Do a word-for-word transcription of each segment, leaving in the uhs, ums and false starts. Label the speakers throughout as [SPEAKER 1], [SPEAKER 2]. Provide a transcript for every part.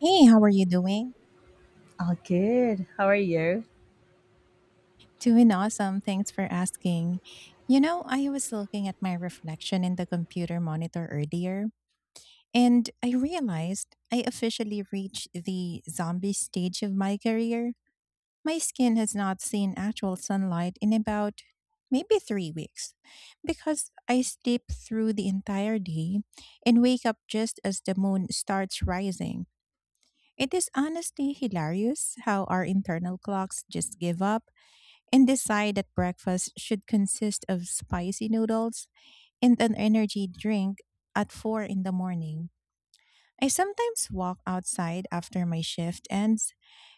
[SPEAKER 1] Hey, how are you doing?
[SPEAKER 2] All good. How are you?
[SPEAKER 1] Doing awesome. Thanks for asking. You know, I was looking at my reflection in the computer monitor earlier, and I realized I officially reached the zombie stage of my career. My skin has not seen actual sunlight in about maybe three weeks, because I sleep through the entire day and wake up just as the moon starts rising. It is honestly hilarious how our internal clocks just give up and decide that breakfast should consist of spicy noodles and an energy drink at four in the morning. I sometimes walk outside after my shift ends,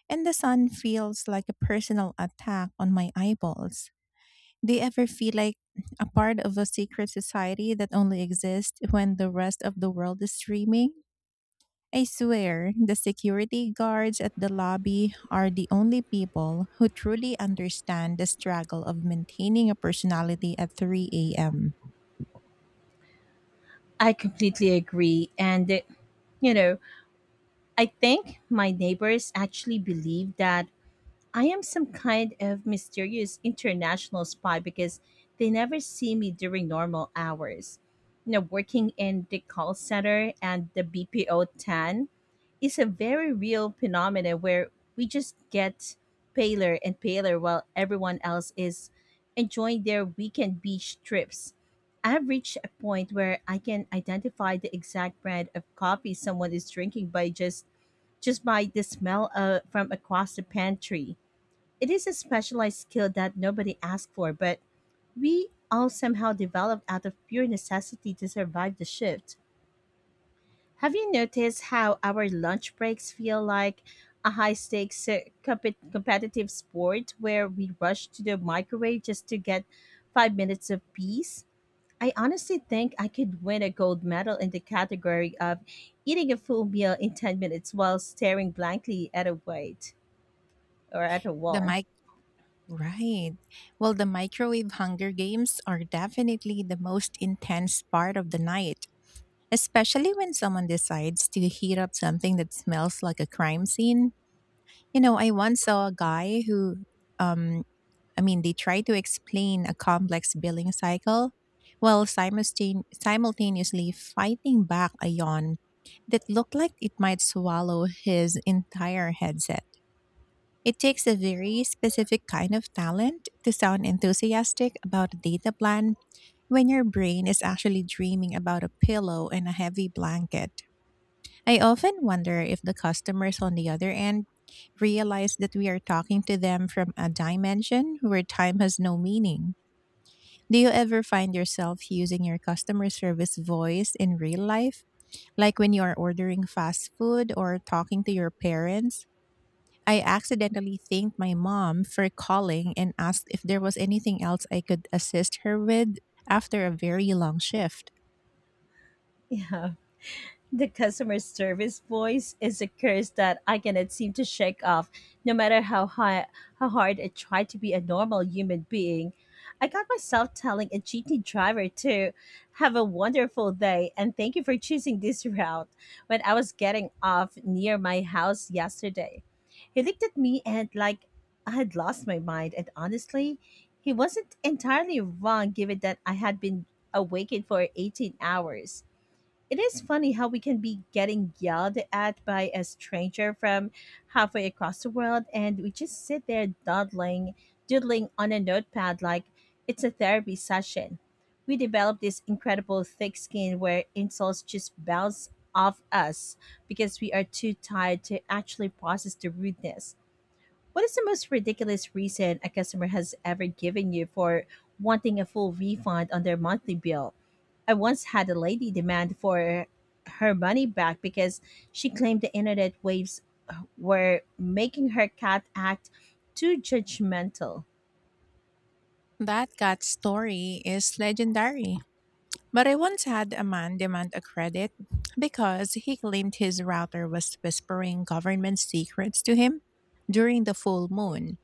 [SPEAKER 1] and the sun feels like a personal attack on my eyeballs. Do you ever feel like a part of a secret society that only exists when the rest of the world is streaming? I swear, the security guards at the lobby are the only people who truly understand the struggle of maintaining a personality at three a m.
[SPEAKER 2] I completely agree. And, uh, you know, I think my neighbors actually believe that I am some kind of mysterious international spy because they never see me during normal hours. You know, working in the call center and the B P O ten is a very real phenomenon where we just get paler and paler while everyone else is enjoying their weekend beach trips. I've reached a point where I can identify the exact brand of coffee someone is drinking by just just by the smell uh, from across the pantry. It is a specialized skill that nobody asked for, but we all somehow developed out of pure necessity to survive the shift. Have you noticed how our lunch breaks feel like a high stakes uh, competitive sport where we rush to the microwave just to get five minutes of peace? I honestly think I could win a gold medal in the category of eating a full meal in ten minutes while staring blankly at a white or at a
[SPEAKER 1] The
[SPEAKER 2] wall.
[SPEAKER 1] mic Right. Well, the microwave hunger games are definitely the most intense part of the night, especially when someone decides to heat up something that smells like a crime scene. You know, I once saw a guy who um I mean, they try to explain a complex billing cycle while simultane- simultaneously fighting back a yawn that looked like it might swallow his entire headset. It takes a very specific kind of talent to sound enthusiastic about a data plan when your brain is actually dreaming about a pillow and a heavy blanket. I often wonder if the customers on the other end realize that we are talking to them from a dimension where time has no meaning. Do you ever find yourself using your customer service voice in real life? Like when you are ordering fast food or talking to your parents? I accidentally thanked my mom for calling and asked if there was anything else I could assist her with after a very long shift.
[SPEAKER 2] Yeah. The customer service voice is a curse that I cannot seem to shake off, no matter how high, how hard I try to be a normal human being. I got myself telling a G T driver to have a wonderful day and thank you for choosing this route when I was getting off near my house yesterday. He looked at me and like I had lost my mind, and honestly, he wasn't entirely wrong given that I had been awakened for eighteen hours. It is funny how we can be getting yelled at by a stranger from halfway across the world, and we just sit there dawdling, doodling on a notepad like it's a therapy session. We develop this incredible thick skin where insults just bounce off us because we are too tired to actually process the rudeness. What is the most ridiculous reason a customer has ever given you for wanting a full refund on their monthly bill? I once had a lady demand for her money back because she claimed the internet waves were making her cat act too judgmental.
[SPEAKER 1] That cat story is legendary. But I once had a man demand a credit because he claimed his router was whispering government secrets to him during the full moon.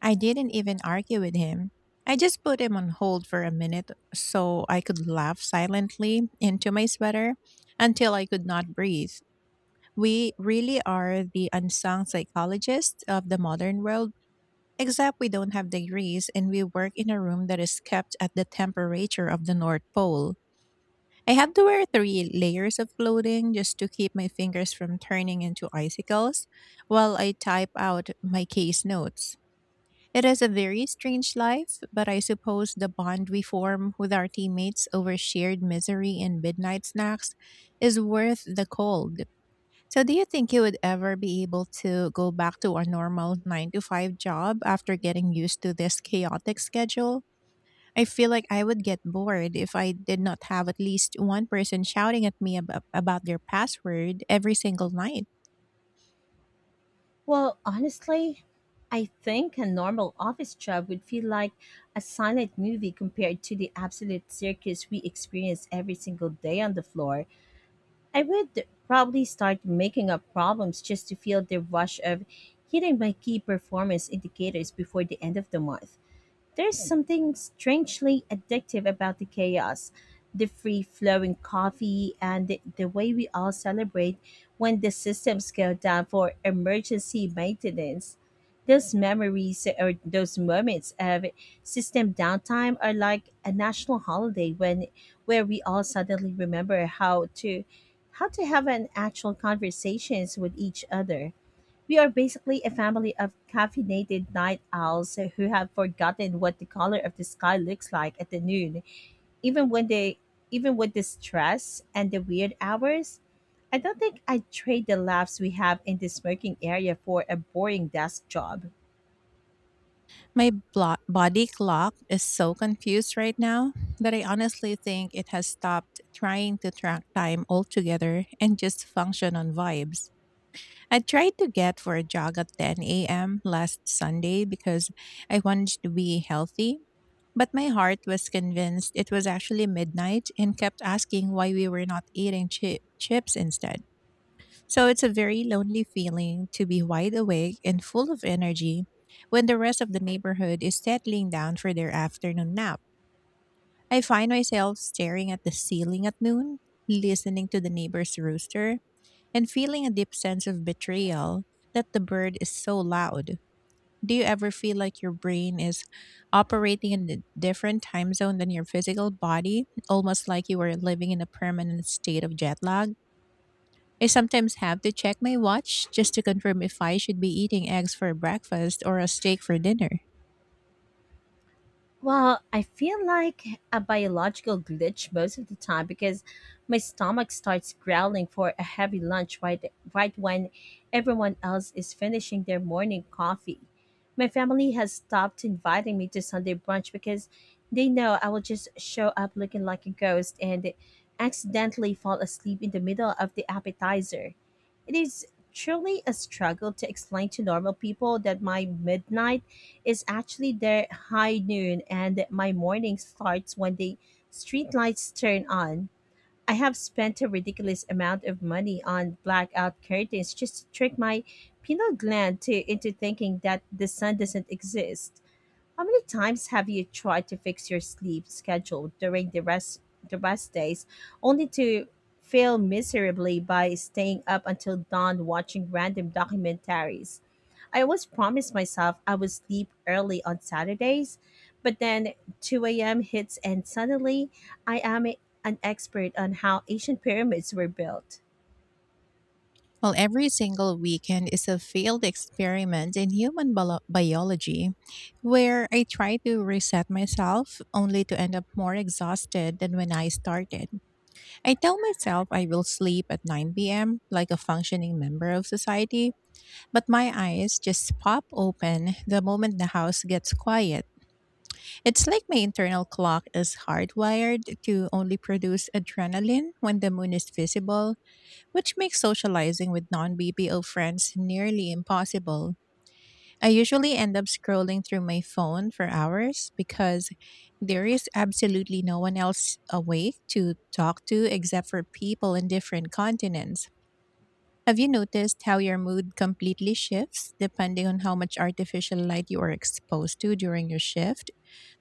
[SPEAKER 1] I didn't even argue with him. I just put him on hold for a minute so I could laugh silently into my sweater until I could not breathe. We really are the unsung psychologists of the modern world, except we don't have degrees and we work in a room that is kept at the temperature of the North Pole. I had to wear three layers of clothing just to keep my fingers from turning into icicles while I type out my case notes. It is a very strange life, but I suppose the bond we form with our teammates over shared misery and midnight snacks is worth the cold. So, do you think you would ever be able to go back to a normal nine to five job after getting used to this chaotic schedule? I feel like I would get bored if I did not have at least one person shouting at me about, about their password every single night.
[SPEAKER 2] Well, honestly, I think a normal office job would feel like a silent movie compared to the absolute circus we experience every single day on the floor. I would probably start making up problems just to feel the rush of hitting my key performance indicators before the end of the month. There's something strangely addictive about the chaos, the free flowing coffee, and the, the way we all celebrate when the systems go down for emergency maintenance. Those memories or those moments of system downtime are like a national holiday when where we all suddenly remember how to how to have an actual conversations with each other. We are basically a family of caffeinated night owls who have forgotten what the color of the sky looks like at the noon, even when they even with the stress and the weird hours. I don't think I'd trade the laughs we have in the smoking area for a boring desk job.
[SPEAKER 1] My blo- body clock is so confused right now that I honestly think it has stopped trying to track time altogether and just function on vibes. I tried to get for a jog at ten a m last Sunday because I wanted to be healthy. But my heart was convinced it was actually midnight and kept asking why we were not eating chi- chips instead. So it's a very lonely feeling to be wide awake and full of energy when the rest of the neighborhood is settling down for their afternoon nap. I find myself staring at the ceiling at noon, listening to the neighbor's rooster, and feeling a deep sense of betrayal that the bird is so loud. Do you ever feel like your brain is operating in a different time zone than your physical body, almost like you were living in a permanent state of jet lag? I sometimes have to check my watch just to confirm if I should be eating eggs for breakfast or a steak for dinner.
[SPEAKER 2] Well, I feel like a biological glitch most of the time because my stomach starts growling for a heavy lunch right, right when everyone else is finishing their morning coffee. My family has stopped inviting me to Sunday brunch because they know I will just show up looking like a ghost and accidentally fall asleep in the middle of the appetizer. It is truly a struggle to explain to normal people that my midnight is actually their high noon and my morning starts when the streetlights turn on. I have spent a ridiculous amount of money on blackout curtains just to trick my pineal gland to, into thinking that the sun doesn't exist. How many times have you tried to fix your sleep schedule during the rest the rest days only to fail miserably by staying up until dawn watching random documentaries? I always promised myself I would sleep early on Saturdays, but then two a m hits and suddenly I am a- an expert on how ancient pyramids were built.
[SPEAKER 1] Well, every single weekend is a failed experiment in human bio- biology, where I try to reset myself only to end up more exhausted than when I started. I tell myself I will sleep at nine p m like a functioning member of society, but my eyes just pop open the moment the house gets quiet. It's like my internal clock is hardwired to only produce adrenaline when the moon is visible, which makes socializing with non B P O friends nearly impossible. I usually end up scrolling through my phone for hours because there is absolutely no one else awake to talk to except for people in different continents. Have you noticed how your mood completely shifts depending on how much artificial light you are exposed to during your shift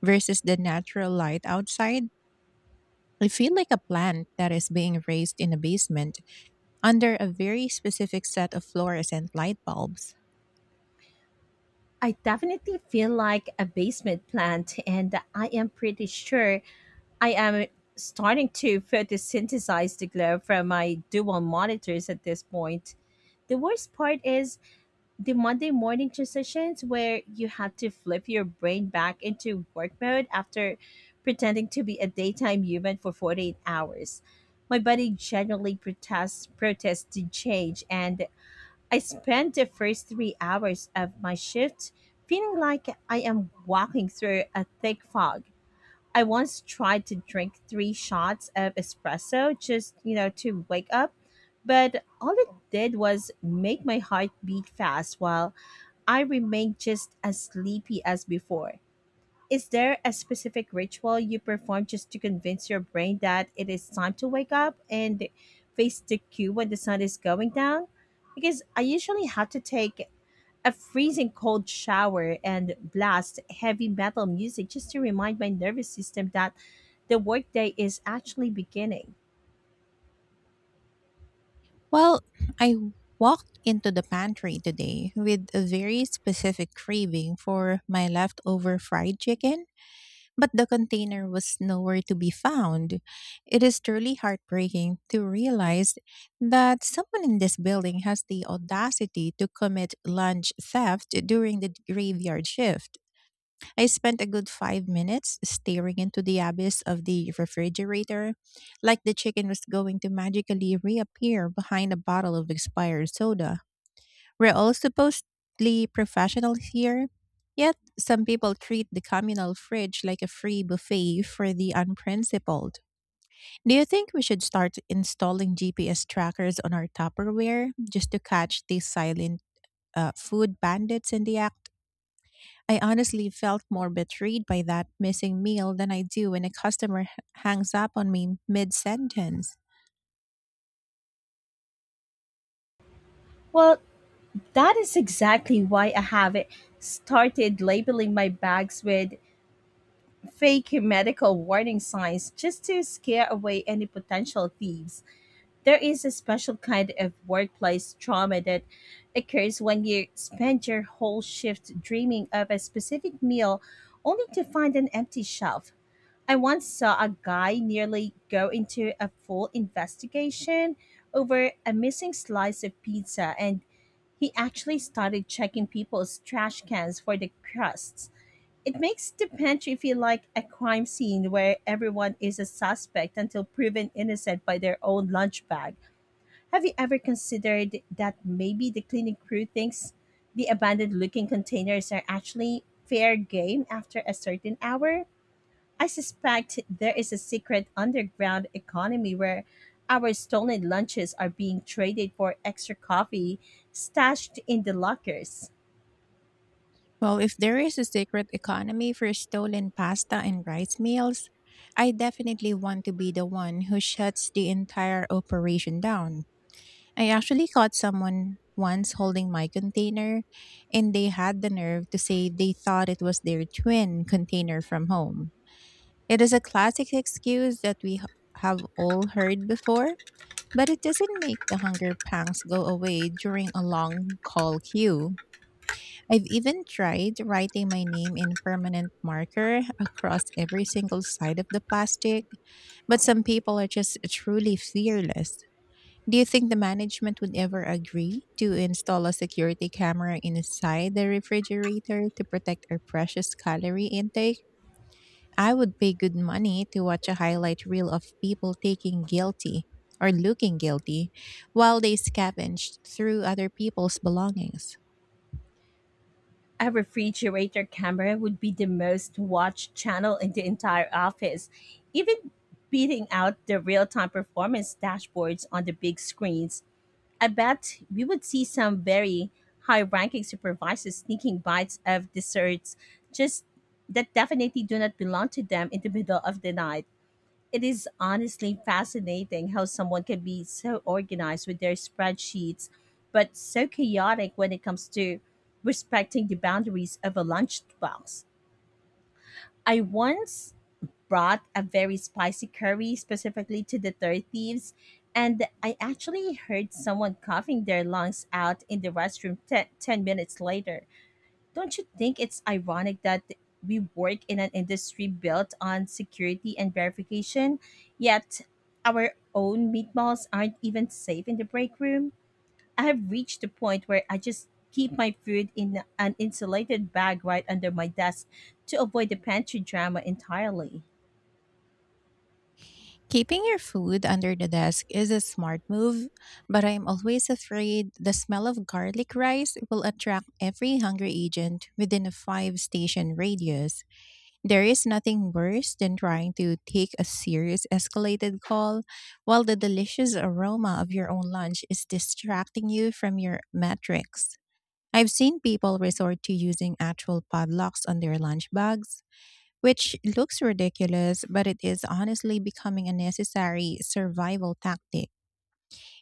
[SPEAKER 1] versus the natural light outside? I feel like a plant that is being raised in a basement under a very specific set of fluorescent light bulbs.
[SPEAKER 2] I definitely feel like a basement plant, and I am pretty sure I am starting to photosynthesize the glow from my dual monitors at this point. The worst part is the Monday morning transitions where you had to flip your brain back into work mode after pretending to be a daytime human for forty-eight hours. My body generally protests protested change, and I spent the first three hours of my shift feeling like I am walking through a thick fog. I once tried to drink three shots of espresso just, you know, to wake up, but all it did was make my heart beat fast while I remain just as sleepy as before. Is there a specific ritual you perform just to convince your brain that it is time to wake up and face the cue when the sun is going down? Because I usually have to take a freezing cold shower and blast heavy metal music just to remind my nervous system that the workday is actually beginning.
[SPEAKER 1] Well, I walked into the pantry today with a very specific craving for my leftover fried chicken, but the container was nowhere to be found. It is truly heartbreaking to realize that someone in this building has the audacity to commit lunch theft during the graveyard shift. I spent a good five minutes staring into the abyss of the refrigerator, like the chicken was going to magically reappear behind a bottle of expired soda. We're all supposedly professionals here, yet some people treat the communal fridge like a free buffet for the unprincipled. Do you think we should start installing G P S trackers on our Tupperware just to catch these silent, uh, food bandits in the act? I honestly felt more betrayed by that missing meal than I do when a customer h- hangs up on me mid sentence.
[SPEAKER 2] Well, that is exactly why I have started labeling my bags with fake medical warning signs just to scare away any potential thieves. There is a special kind of workplace trauma that occurs when you spend your whole shift dreaming of a specific meal only to find an empty shelf. I once saw a guy nearly go into a full investigation over a missing slice of pizza, and he actually started checking people's trash cans for the crusts. It makes the pantry feel like a crime scene where everyone is a suspect until proven innocent by their own lunch bag. Have you ever considered that maybe the cleaning crew thinks the abandoned looking containers are actually fair game after a certain hour? I suspect there is a secret underground economy where our stolen lunches are being traded for extra coffee stashed in the lockers.
[SPEAKER 1] Well, if there is a secret economy for stolen pasta and rice meals, I definitely want to be the one who shuts the entire operation down. I actually caught someone once holding my container, and they had the nerve to say they thought it was their twin container from home. It is a classic excuse that we h- have all heard before, but it doesn't make the hunger pangs go away during a long call queue. I've even tried writing my name in permanent marker across every single side of the plastic, but some people are just truly fearless. Do you think the management would ever agree to install a security camera inside the refrigerator to protect our precious calorie intake? I would pay good money to watch a highlight reel of people taking guilty, or looking guilty, while they scavenged through other people's belongings.
[SPEAKER 2] A refrigerator camera would be the most watched channel in the entire office, even beating out the real time performance dashboards on the big screens. I bet we would see some very high ranking supervisors sneaking bites of desserts just that definitely do not belong to them in the middle of the night. It is honestly fascinating how someone can be so organized with their spreadsheets, but so chaotic when it comes to respecting the boundaries of a lunchbox. I once brought a very spicy curry specifically to the Third Thieves, and I actually heard someone coughing their lungs out in the restroom te- ten minutes later. Don't you think it's ironic that we work in an industry built on security and verification, yet our own meatballs aren't even safe in the break room? I have reached the point where I just keep my food in an insulated bag right under my desk to avoid the pantry drama entirely.
[SPEAKER 1] Keeping your food under the desk is a smart move, but I'm always afraid the smell of garlic rice will attract every hungry agent within a five station radius. There is nothing worse than trying to take a serious escalated call while the delicious aroma of your own lunch is distracting you from your metrics. I've seen people resort to using actual padlocks on their lunch bags, which looks ridiculous, but it is honestly becoming a necessary survival tactic.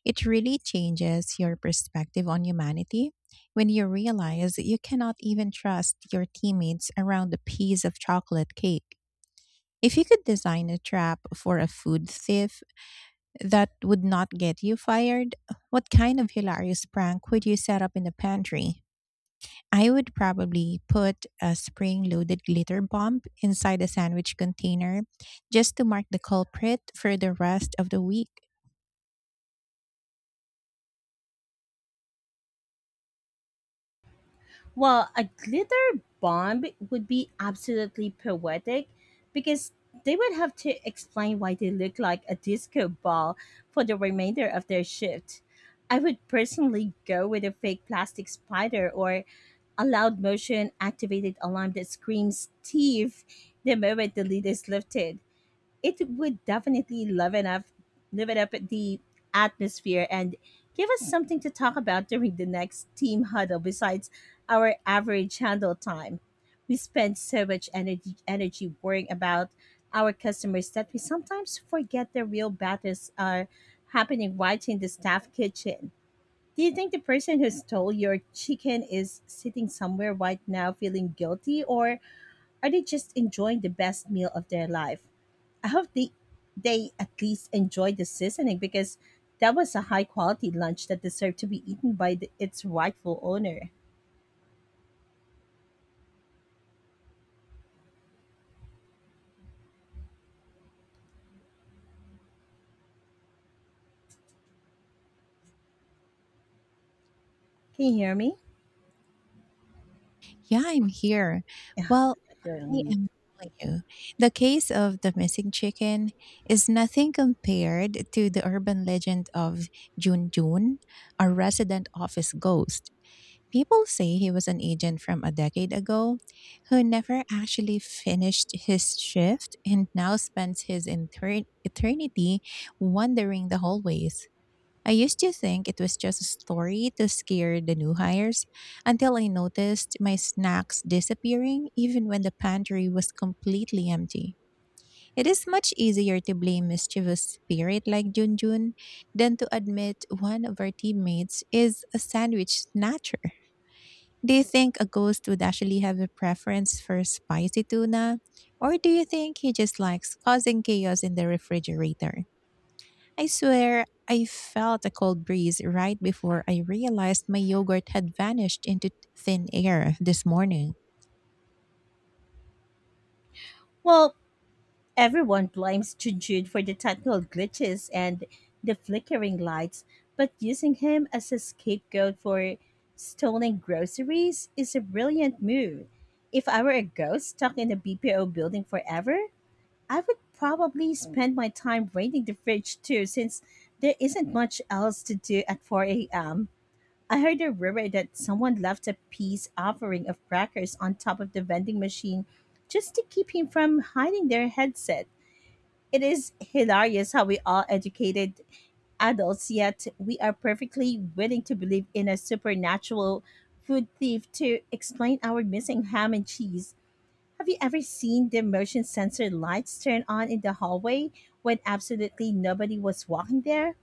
[SPEAKER 1] It really changes your perspective on humanity when you realize you cannot even trust your teammates around a piece of chocolate cake. If you could design a trap for a food thief that would not get you fired, what kind of hilarious prank would you set up in the pantry? I would probably put a spring loaded glitter bomb inside a sandwich container just to mark the culprit for the rest of the week.
[SPEAKER 2] Well, a glitter bomb would be absolutely poetic because they would have to explain why they look like a disco ball for the remainder of their shift. I would personally go with a fake plastic spider or a loud motion activated alarm that screams "thief" the moment the lid is lifted. It would definitely liven up liven up the atmosphere and give us something to talk about during the next team huddle besides our average handle time. We spend so much energy energy worrying about our customers that we sometimes forget the real battles are happening right in the staff kitchen. Do you think the person who stole your chicken is sitting somewhere right now feeling guilty, or are they just enjoying the best meal of their life? I hope they they at least enjoyed the seasoning because that was a high quality lunch that deserved to be eaten by the, its rightful owner. Can you hear me?
[SPEAKER 1] Yeah, I'm here.
[SPEAKER 2] Yeah,
[SPEAKER 1] Well,
[SPEAKER 2] you're on
[SPEAKER 1] I
[SPEAKER 2] mute.
[SPEAKER 1] am telling you, the case of the missing chicken is nothing compared to the urban legend of Jun Jun, a resident office ghost. People say he was an agent from a decade ago who never actually finished his shift and now spends his inter- eternity wandering the hallways. I used to think it was just a story to scare the new hires until I noticed my snacks disappearing even when the pantry was completely empty. It is much easier to blame mischievous spirit like Junjun than to admit one of our teammates is a sandwich snatcher. Do you think a ghost would actually have a preference for spicy tuna? Or do you think he just likes causing chaos in the refrigerator? I swear, I felt a cold breeze right before I realized my yogurt had vanished into thin air this morning.
[SPEAKER 2] Well, everyone blames Jujun for the technical glitches and the flickering lights, but using him as a scapegoat for stolen groceries is a brilliant move. If I were a ghost stuck in a B P O building forever, I would probably spend my time raiding the fridge too, since there isn't much else to do at four a m. I heard a rumor that someone left a peace offering of crackers on top of the vending machine just to keep him from hiding their headset. It is hilarious how we all educated adults, yet we are perfectly willing to believe in a supernatural food thief to explain our missing ham and cheese. Have you ever seen the motion sensor lights turn on in the hallway when absolutely nobody was walking there?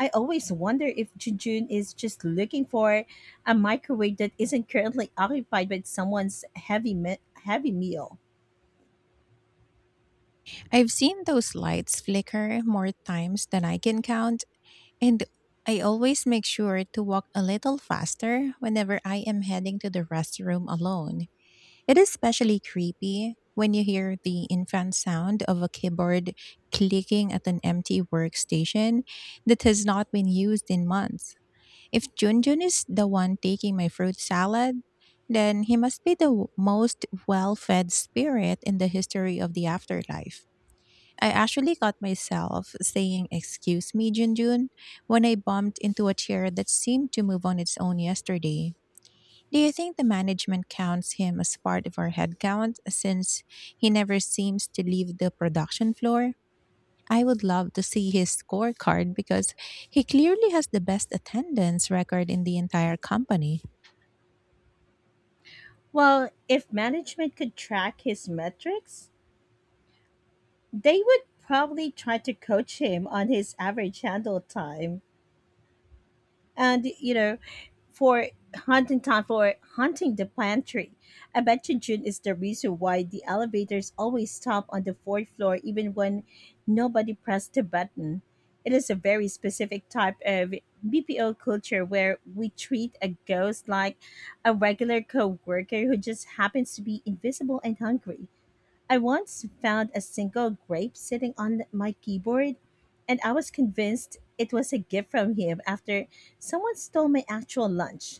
[SPEAKER 2] I always wonder if Junjun is just looking for a microwave that isn't currently occupied by someone's heavy me- heavy meal.
[SPEAKER 1] I've seen those lights flicker more times than I can count, and I always make sure to walk a little faster whenever I am heading to the restroom alone. It is especially creepy when you hear the infant sound of a keyboard clicking at an empty workstation that has not been used in months. If Junjun is the one taking my fruit salad, then he must be the w- most well fed spirit in the history of the afterlife. I actually caught myself saying, Excuse me, Junjun, when I bumped into a chair that seemed to move on its own yesterday. Do you think the management counts him as part of our headcount since he never seems to leave the production floor? I would love to see his scorecard because he clearly has the best attendance record in the entire company.
[SPEAKER 2] Well, if management could track his metrics, they would probably try to coach him on his average handle time. And you know for hunting time for hunting the pantry. I bet you June is the reason why the elevators always stop on the fourth floor even when nobody pressed the button. It is a very specific type of BPO culture where we treat a ghost like a regular co-worker who just happens to be invisible and hungry. I once found a single grape sitting on my keyboard, and I was convinced it was a gift from him after someone stole my actual lunch.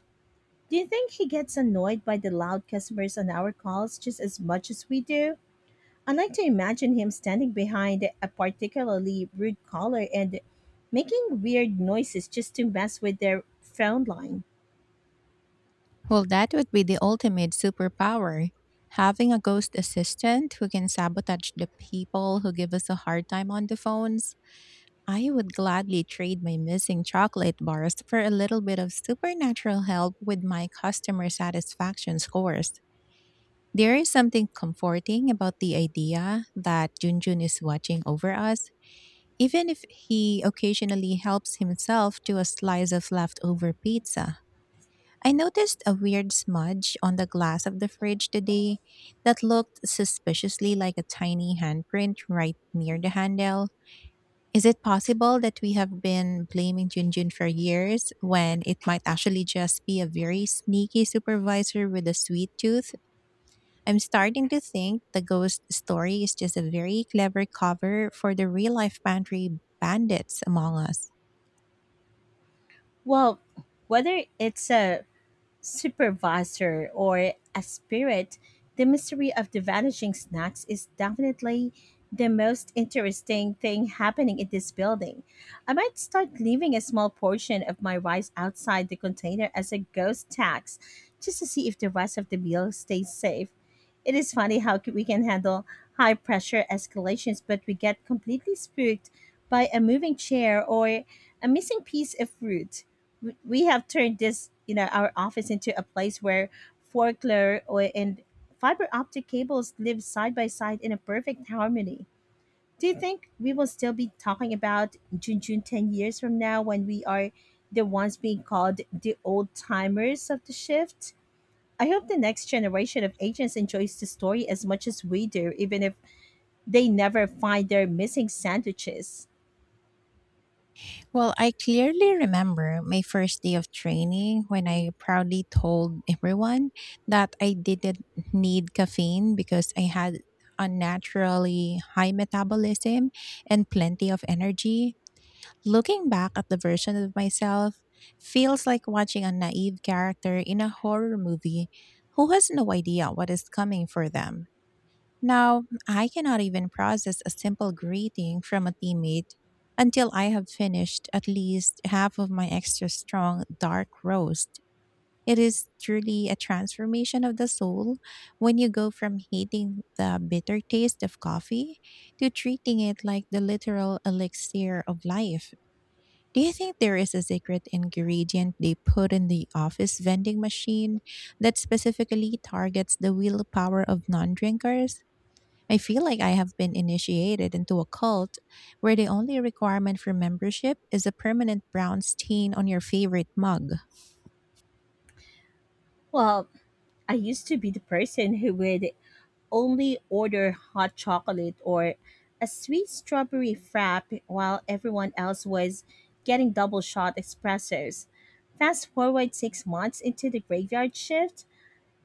[SPEAKER 2] Do you think he gets annoyed by the loud customers on our calls just as much as we do? I like to imagine him standing behind a particularly rude caller and making weird noises just to mess with their phone line.
[SPEAKER 1] Well, that would be the ultimate superpower. Having a ghost assistant who can sabotage the people who give us a hard time on the phones. I would gladly trade my missing chocolate bars for a little bit of supernatural help with my customer satisfaction scores. There is something comforting about the idea that Junjun is watching over us, even if he occasionally helps himself to a slice of leftover pizza. I noticed a weird smudge on the glass of the fridge today that looked suspiciously like a tiny handprint right near the handle. Is it possible that we have been blaming Junjun for years when it might actually just be a very sneaky supervisor with a sweet tooth? I'm starting to think the ghost story is just a very clever cover for the real life pantry bandits among us.
[SPEAKER 2] Well, whether it's a supervisor or a spirit, the mystery of the vanishing snacks is definitely the most interesting thing happening in this building. I might start leaving a small portion of my rice outside the container as a ghost tax just to see if the rest of the meal stays safe. It is funny how we can handle high pressure escalations, but we get completely spooked by a moving chair or a missing piece of fruit. We we have turned this you know our office, into a place where folklore or- and fiber optic cables live side by side in a perfect harmony. Do you think we will still be talking about Junjun ten years from now when we are the ones being called the old timers of the shift? I hope the next generation of agents enjoys the story as much as we do, even if they never find their missing sandwiches.
[SPEAKER 1] Well, I clearly remember my first day of training when I proudly told everyone that I didn't need caffeine because I had unnaturally high metabolism and plenty of energy. Looking back at the version of myself feels like watching a naive character in a horror movie who has no idea what is coming for them. Now, I cannot even process a simple greeting from a teammate until I have finished at least half of my extra strong dark roast. It is truly a transformation of the soul when you go from hating the bitter taste of coffee to treating it like the literal elixir of life. Do you think there is a secret ingredient they put in the office vending machine that specifically targets the willpower of non drinkers? I feel like I have been initiated into a cult where the only requirement for membership is a permanent brown stain on your favorite mug.
[SPEAKER 2] Well, I used to be the person who would only order hot chocolate or a sweet strawberry frap while everyone else was getting double shot espressos. Fast forward six months into the graveyard shift,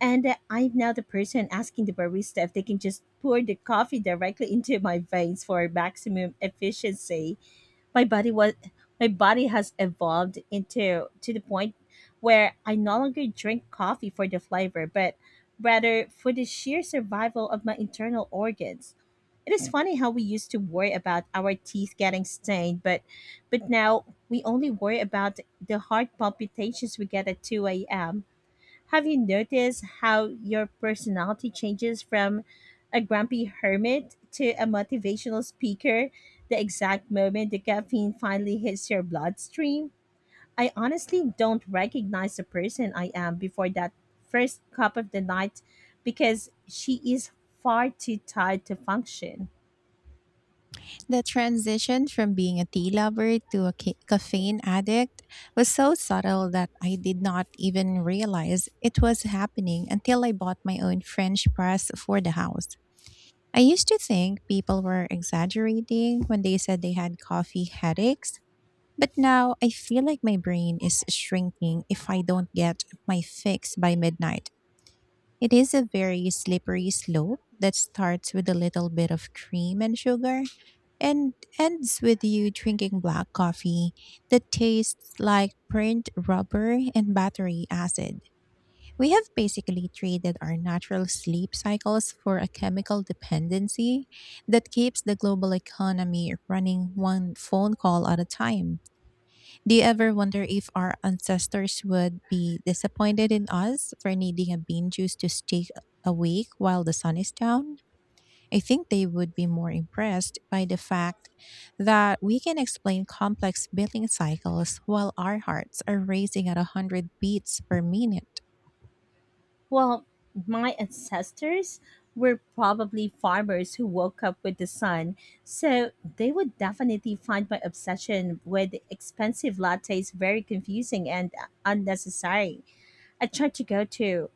[SPEAKER 2] and uh, I'm now the person asking the barista if they can just pour the coffee directly into my veins for maximum efficiency. My body was my body has evolved into to the point where I no longer drink coffee for the flavor, but rather for the sheer survival of my internal organs. It is funny how we used to worry about our teeth getting stained, but but now we only worry about the heart palpitations we get at two a m. Have you noticed how your personality changes from a grumpy hermit to a motivational speaker the exact moment the caffeine finally hits your bloodstream? I honestly don't recognize the person I am before that first cup of the night, because she is far too tired to function.
[SPEAKER 1] The transition from being a tea lover to a ca- caffeine addict was so subtle that I did not even realize it was happening until I bought my own French press for the house. I used to think people were exaggerating when they said they had coffee headaches, but now I feel like my brain is shrinking if I don't get my fix by midnight. It is a very slippery slope that starts with a little bit of cream and sugar and ends with you drinking black coffee that tastes like burnt rubber and battery acid. We have basically traded our natural sleep cycles for a chemical dependency that keeps the global economy running one phone call at a time. Do you ever wonder if our ancestors would be disappointed in us for needing a bean juice to stay awake while the sun is down? I think they would be more impressed by the fact that we can explain complex billing cycles while our hearts are racing at one hundred beats per minute.
[SPEAKER 2] Well, my ancestors were probably farmers who woke up with the sun, so they would definitely find my obsession with expensive lattes very confusing and unnecessary. I tried to go to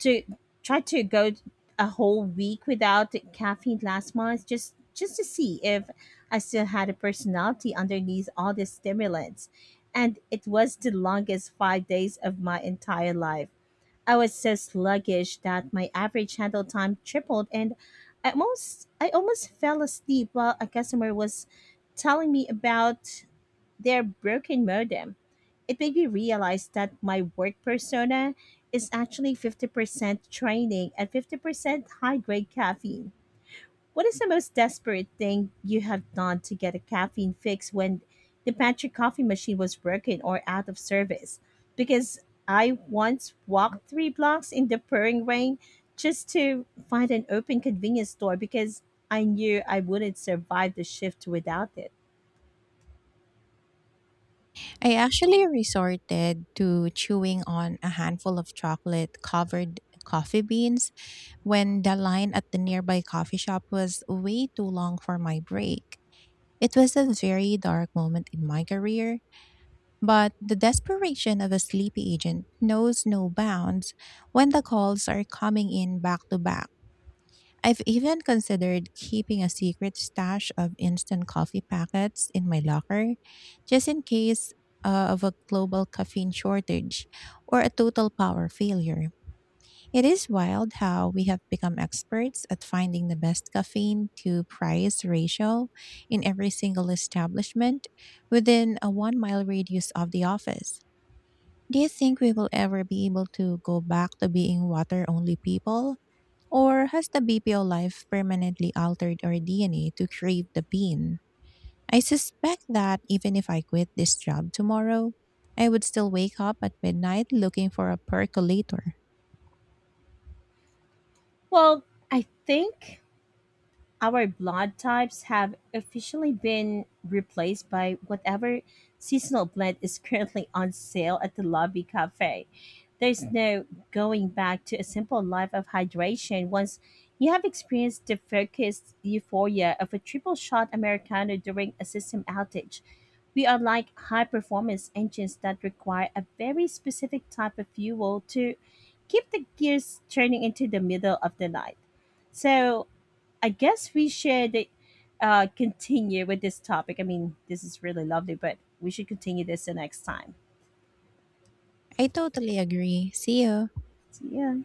[SPEAKER 2] to try to go a whole week without caffeine last month, just just to see if I still had a personality underneath all the stimulants. And it was the longest five months of my entire life. I was so sluggish that my average handle time tripled, and I almost I almost fell asleep while a customer was telling me about their broken modem. It made me realize that my work persona is actually fifty percent training and fifty percent high grade caffeine. What is the most desperate thing you have done to get a caffeine fix when the pantry coffee machine was broken or out of service? Because I once walked three blocks in the pouring rain just to find an open convenience store because I knew I wouldn't survive the shift without it.
[SPEAKER 1] I actually resorted to chewing on a handful of chocolate covered coffee beans when the line at the nearby coffee shop was way too long for my break. It was a very dark moment in my career, but the desperation of a sleepy agent knows no bounds when the calls are coming in back to back. I've even considered keeping a secret stash of instant coffee packets in my locker, just in case uh, of a global caffeine shortage or a total power failure. It is wild how we have become experts at finding the best caffeine to price ratio in every single establishment within a one mile radius of the office. Do you think we will ever be able to go back to being water only people? Or has the B P O life permanently altered our D N A to crave the bean? I suspect that even if I quit this job tomorrow, I would still wake up at midnight looking for a percolator.
[SPEAKER 2] Well, I think our blood types have officially been replaced by whatever seasonal blend is currently on sale at the lobby cafe. There's no going back to a simple life of hydration once you have experienced the focused euphoria of a triple shot Americano during a system outage. We are like high performance engines that require a very specific type of fuel to keep the gears turning into the middle of the night. So I guess we should uh, continue with this topic. I mean, this is really lovely, but we should continue this the next time.
[SPEAKER 1] I totally agree. See you.
[SPEAKER 2] So, yeah.